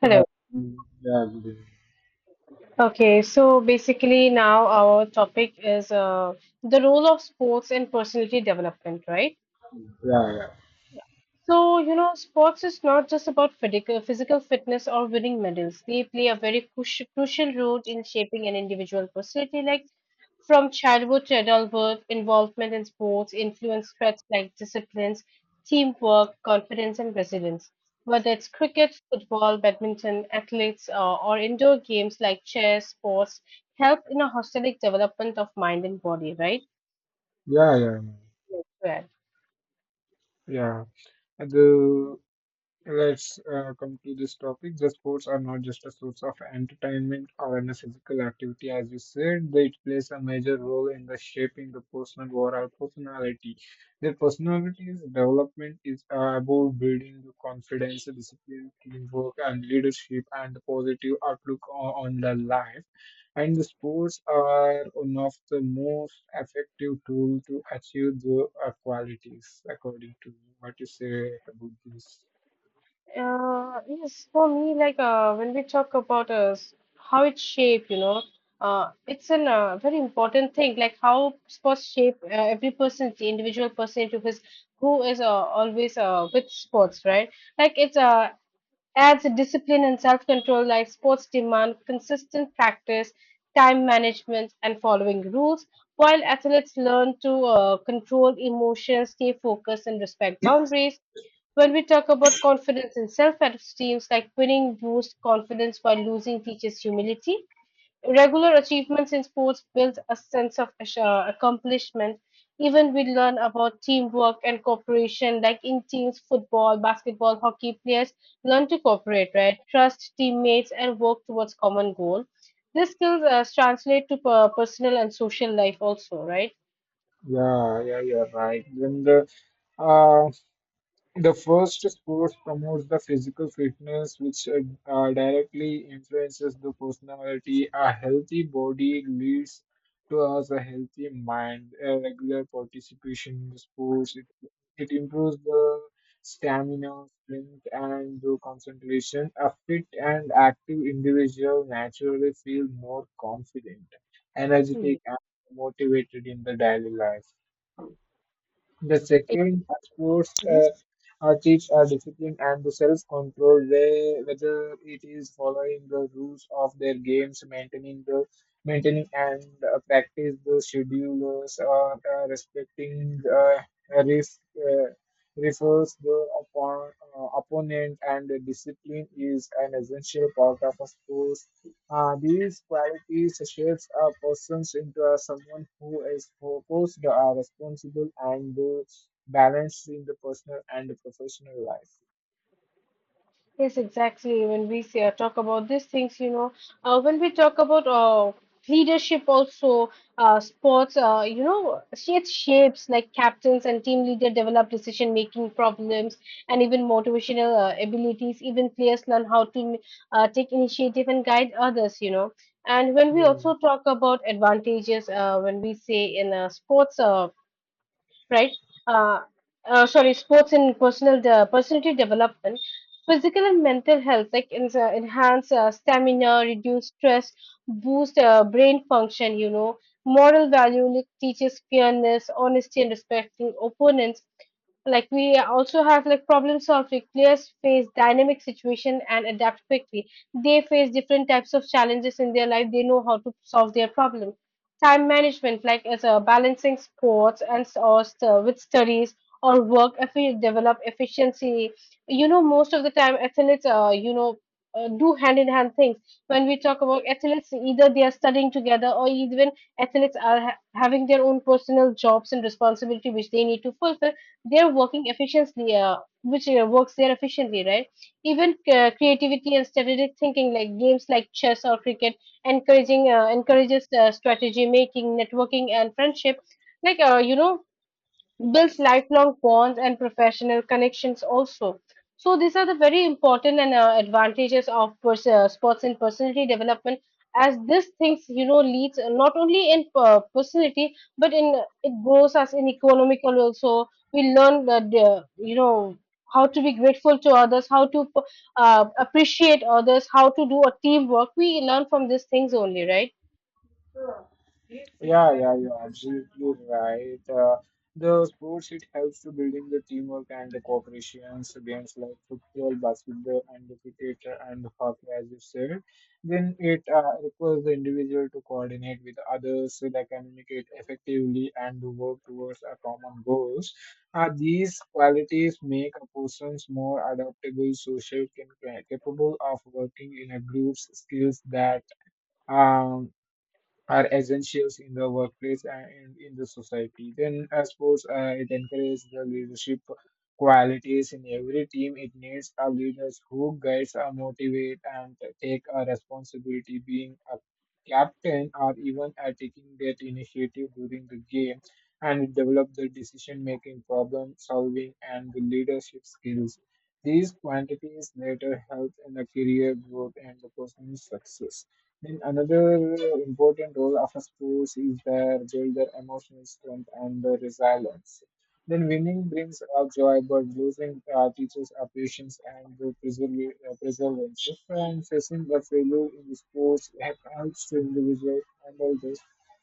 Yeah, Hello. mm, yeah, Okay, so basically now our topic is the role of sports in personality development, right? yeah, yeah, yeah, So, you know, sports is not just about physical fitness or winning medals. They play a very crucial role in shaping an individual personality, like from childhood to adulthood, involvement in sports influence traits like disciplines, teamwork, confidence, and resilience. Whether it's cricket, football, badminton, athletes, or indoor games like chess, sports help in a holistic development of mind and body, right? yeah, yeah, Yes, right. yeah. And, let's come to this topic. The sports are not just a source of entertainment or any physical activity, as you said. They plays a major role in the shaping the personal or our personality. Their personality's development is about building the confidence, discipline, teamwork, and leadership, and the positive outlook on the life. And the sports are one of the most effective tool to achieve the qualities, according to what you say about this. Yes, for me, like when we talk about how it's shaped, you know, it's a very important thing, like how sports shape every person, the individual person into his who is always with sports, right? Like it's as discipline and self-control like sports demand consistent practice, time management, and following rules, while athletes learn to control emotions, stay focused, and respect boundaries. When we talk about confidence and self-esteem, like winning boosts confidence while losing teaches humility. Regular achievements in sports build a sense of accomplishment. Even we learn about teamwork and cooperation, like in teams, football, basketball, hockey players learn to cooperate, right? Trust teammates and work towards common goal. These skills translate to personal and social life also, right? Yeah, yeah, you're right. Then uh, the first sports promotes the physical fitness, which directly influences the personality. A healthy body leads to us a healthy mind. A regular participation in the sports it improves the stamina, strength, and the concentration. A fit and active individual naturally feel more confident, Mm. energetic, and motivated in the daily life. The second sports are teach our discipline and the self-control, where, whether it is following the rules of their games, maintaining the maintaining and practice the schedules, or respecting ref, uh, refers the upon, opponent, and the discipline is an essential part of a sport, these qualities shapes a person into a, someone who is focused, responsible, and balanced in the personal and the professional life. Yes, exactly. When we say, talk about these things, you know, when we talk about leadership, also sports, you know, it shapes like captains and team leader develop decision making problems and even motivational abilities. Even players learn how to take initiative and guide others, you know. And when we Yeah. also talk about advantages, when we say in sports, right? Uh, sorry, sports and personal personality development, physical and mental health, like enhance stamina, reduce stress, boost brain function. You know, moral value like, teaches fairness, honesty, and respecting opponents. Like we also have like problem solving, players face dynamic situation and adapt quickly. They face different types of challenges in their life. They know how to solve their problem. Time management, like as a balancing sports and with studies or work, if you develop efficiency, you know, most of the time athletes, do hand in hand things. When we talk about athletes, either they are studying together or even athletes are having their own personal jobs and responsibility which they need to fulfill. They're working efficiently, which works there efficiently, right? Even creativity and strategic thinking, like games like chess or cricket encouraging encourages strategy making networking and friendship like you know builds lifelong bonds and professional connections also. So these are the very important and advantages of sports in personality development as this things, you know, leads not only in personality but in it grows us in economical also. We learn that, you know, how to be grateful to others, how to appreciate others, how to do a teamwork. We learn from these things only, right? Yeah, yeah, you're absolutely right. The sports it helps to building the teamwork and the cooperations games like football, basketball, and the cricket and the hockey, as you said. Then it requires the individual to coordinate with others, so they communicate effectively and to work towards a common goals. These qualities make a person more adaptable, social, and capable of working in a groups. Skills that. um, are essentials in the workplace and in, the society. Then, sports it encourages the leadership qualities in every team. It needs a leaders who guides, motivate, and take a responsibility. Being a captain or even taking that initiative during the game, and it develop the decision making, problem solving, and the leadership skills. These quantities later help in the career growth and the personal success. Then another important role of a sports is their build their emotional strength and their resilience. Then winning brings out joy, but losing teaches our patience and the perseverance. And facing the failure in sports helps the individual handle the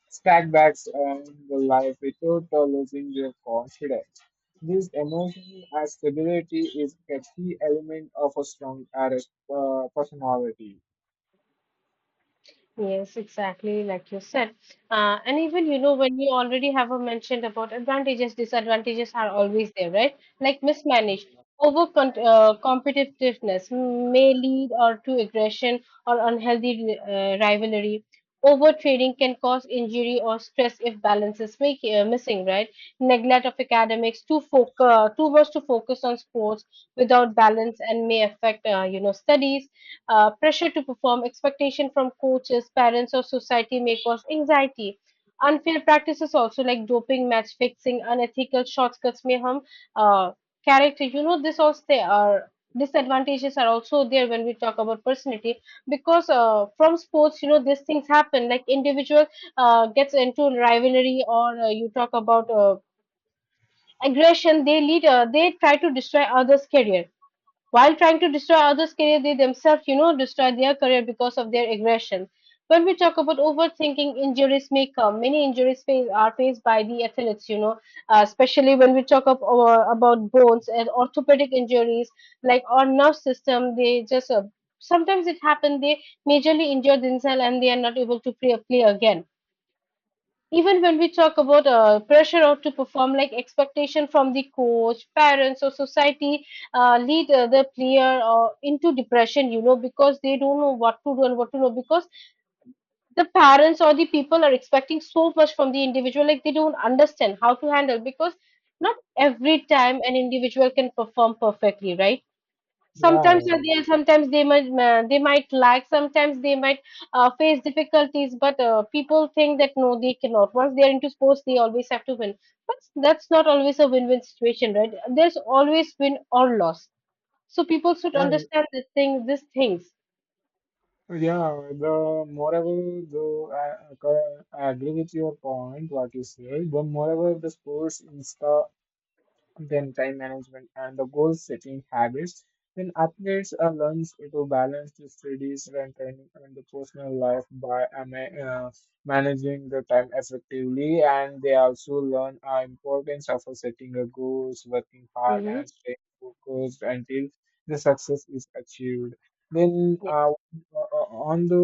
setbacks and the life without losing their confidence. This emotional stability is a key element of a strong personality. Yes, exactly, like you said. And even, you know, when you already have a mentioned about advantages, disadvantages are always there, right? Like mismanaged, over con competitiveness may lead or to aggression or unhealthy rivalry. Over trading can cause injury or stress if balance is make, missing, right? Neglect of academics, too focus, too much to focus on sports without balance and may affect, you know, studies. Pressure to perform, expectation from coaches, parents, or society may cause anxiety. Unfair practices also like doping, match fixing, unethical shortcuts may harm uh, character. You know, this also they are disadvantages are also there when we talk about personality because from sports, you know, these things happen like individual gets into rivalry or you talk about aggression. They lead they try to destroy others career. While trying to destroy others' career, they themselves, you know, destroy their career because of their aggression. When we talk about overthinking, injuries may come. Many injuries face, are faced by the athletes, you know, especially when we talk of, about bones and orthopedic injuries, like our nerve system, they just sometimes it happens, they majorly injure themselves and they are not able to play again. Even when we talk about pressure out to perform, like expectation from the coach, parents, or society, lead the player into depression, you know, because they don't know what to do and what to know. Because the parents or the people are expecting so much from the individual, like they don't understand how to handle. Because not every time an individual can perform perfectly, right? Sometimes are Yeah, there, sometimes they might lack, sometimes they might face difficulties, but people think that no they cannot. Once they are into sports they always have to win, but that's not always a win-win situation, right? There's always win or loss, so people should yeah, understand this thing, these things. yeah. The moreover, though, I agree with your point, what you said. The moreover, the sports insta then time management and the goal setting habits then athletes learn to balance the studies and training and the personal life by managing the time effectively, and they also learn the importance of setting a goals, working hard Mm-hmm. and staying focused until the success is achieved. Then Yes. On the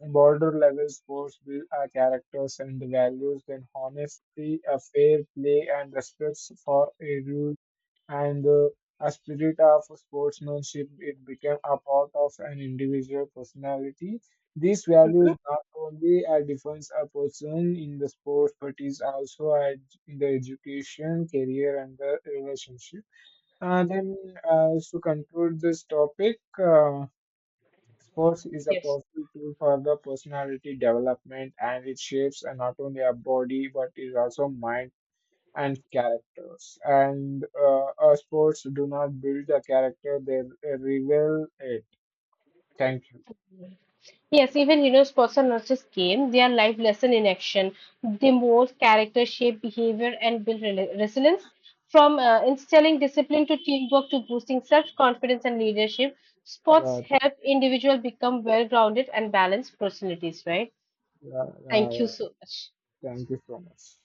Border level, sports build our characters and values, then honesty, a fair play, and respect for a rule, and a spirit of sportsmanship. It became a part of an individual personality. These values not only defines a person in the sport, but is also in the education, career, and the relationship. Uh, then, to conclude this topic. Sports is a Yes, powerful tool for the personality development, and it shapes not only our body but is also mind and characters. And sports do not build a character, they reveal it. Thank you. Yes, even you know, sports are not just game; they are life lesson in action. They mold character, shape behavior, and build resilience. From instilling discipline to teamwork to boosting self-confidence and leadership, sports Yeah, help individuals become well-grounded and balanced personalities, right? yeah, yeah, Thank you yeah. so much. Thank you so much.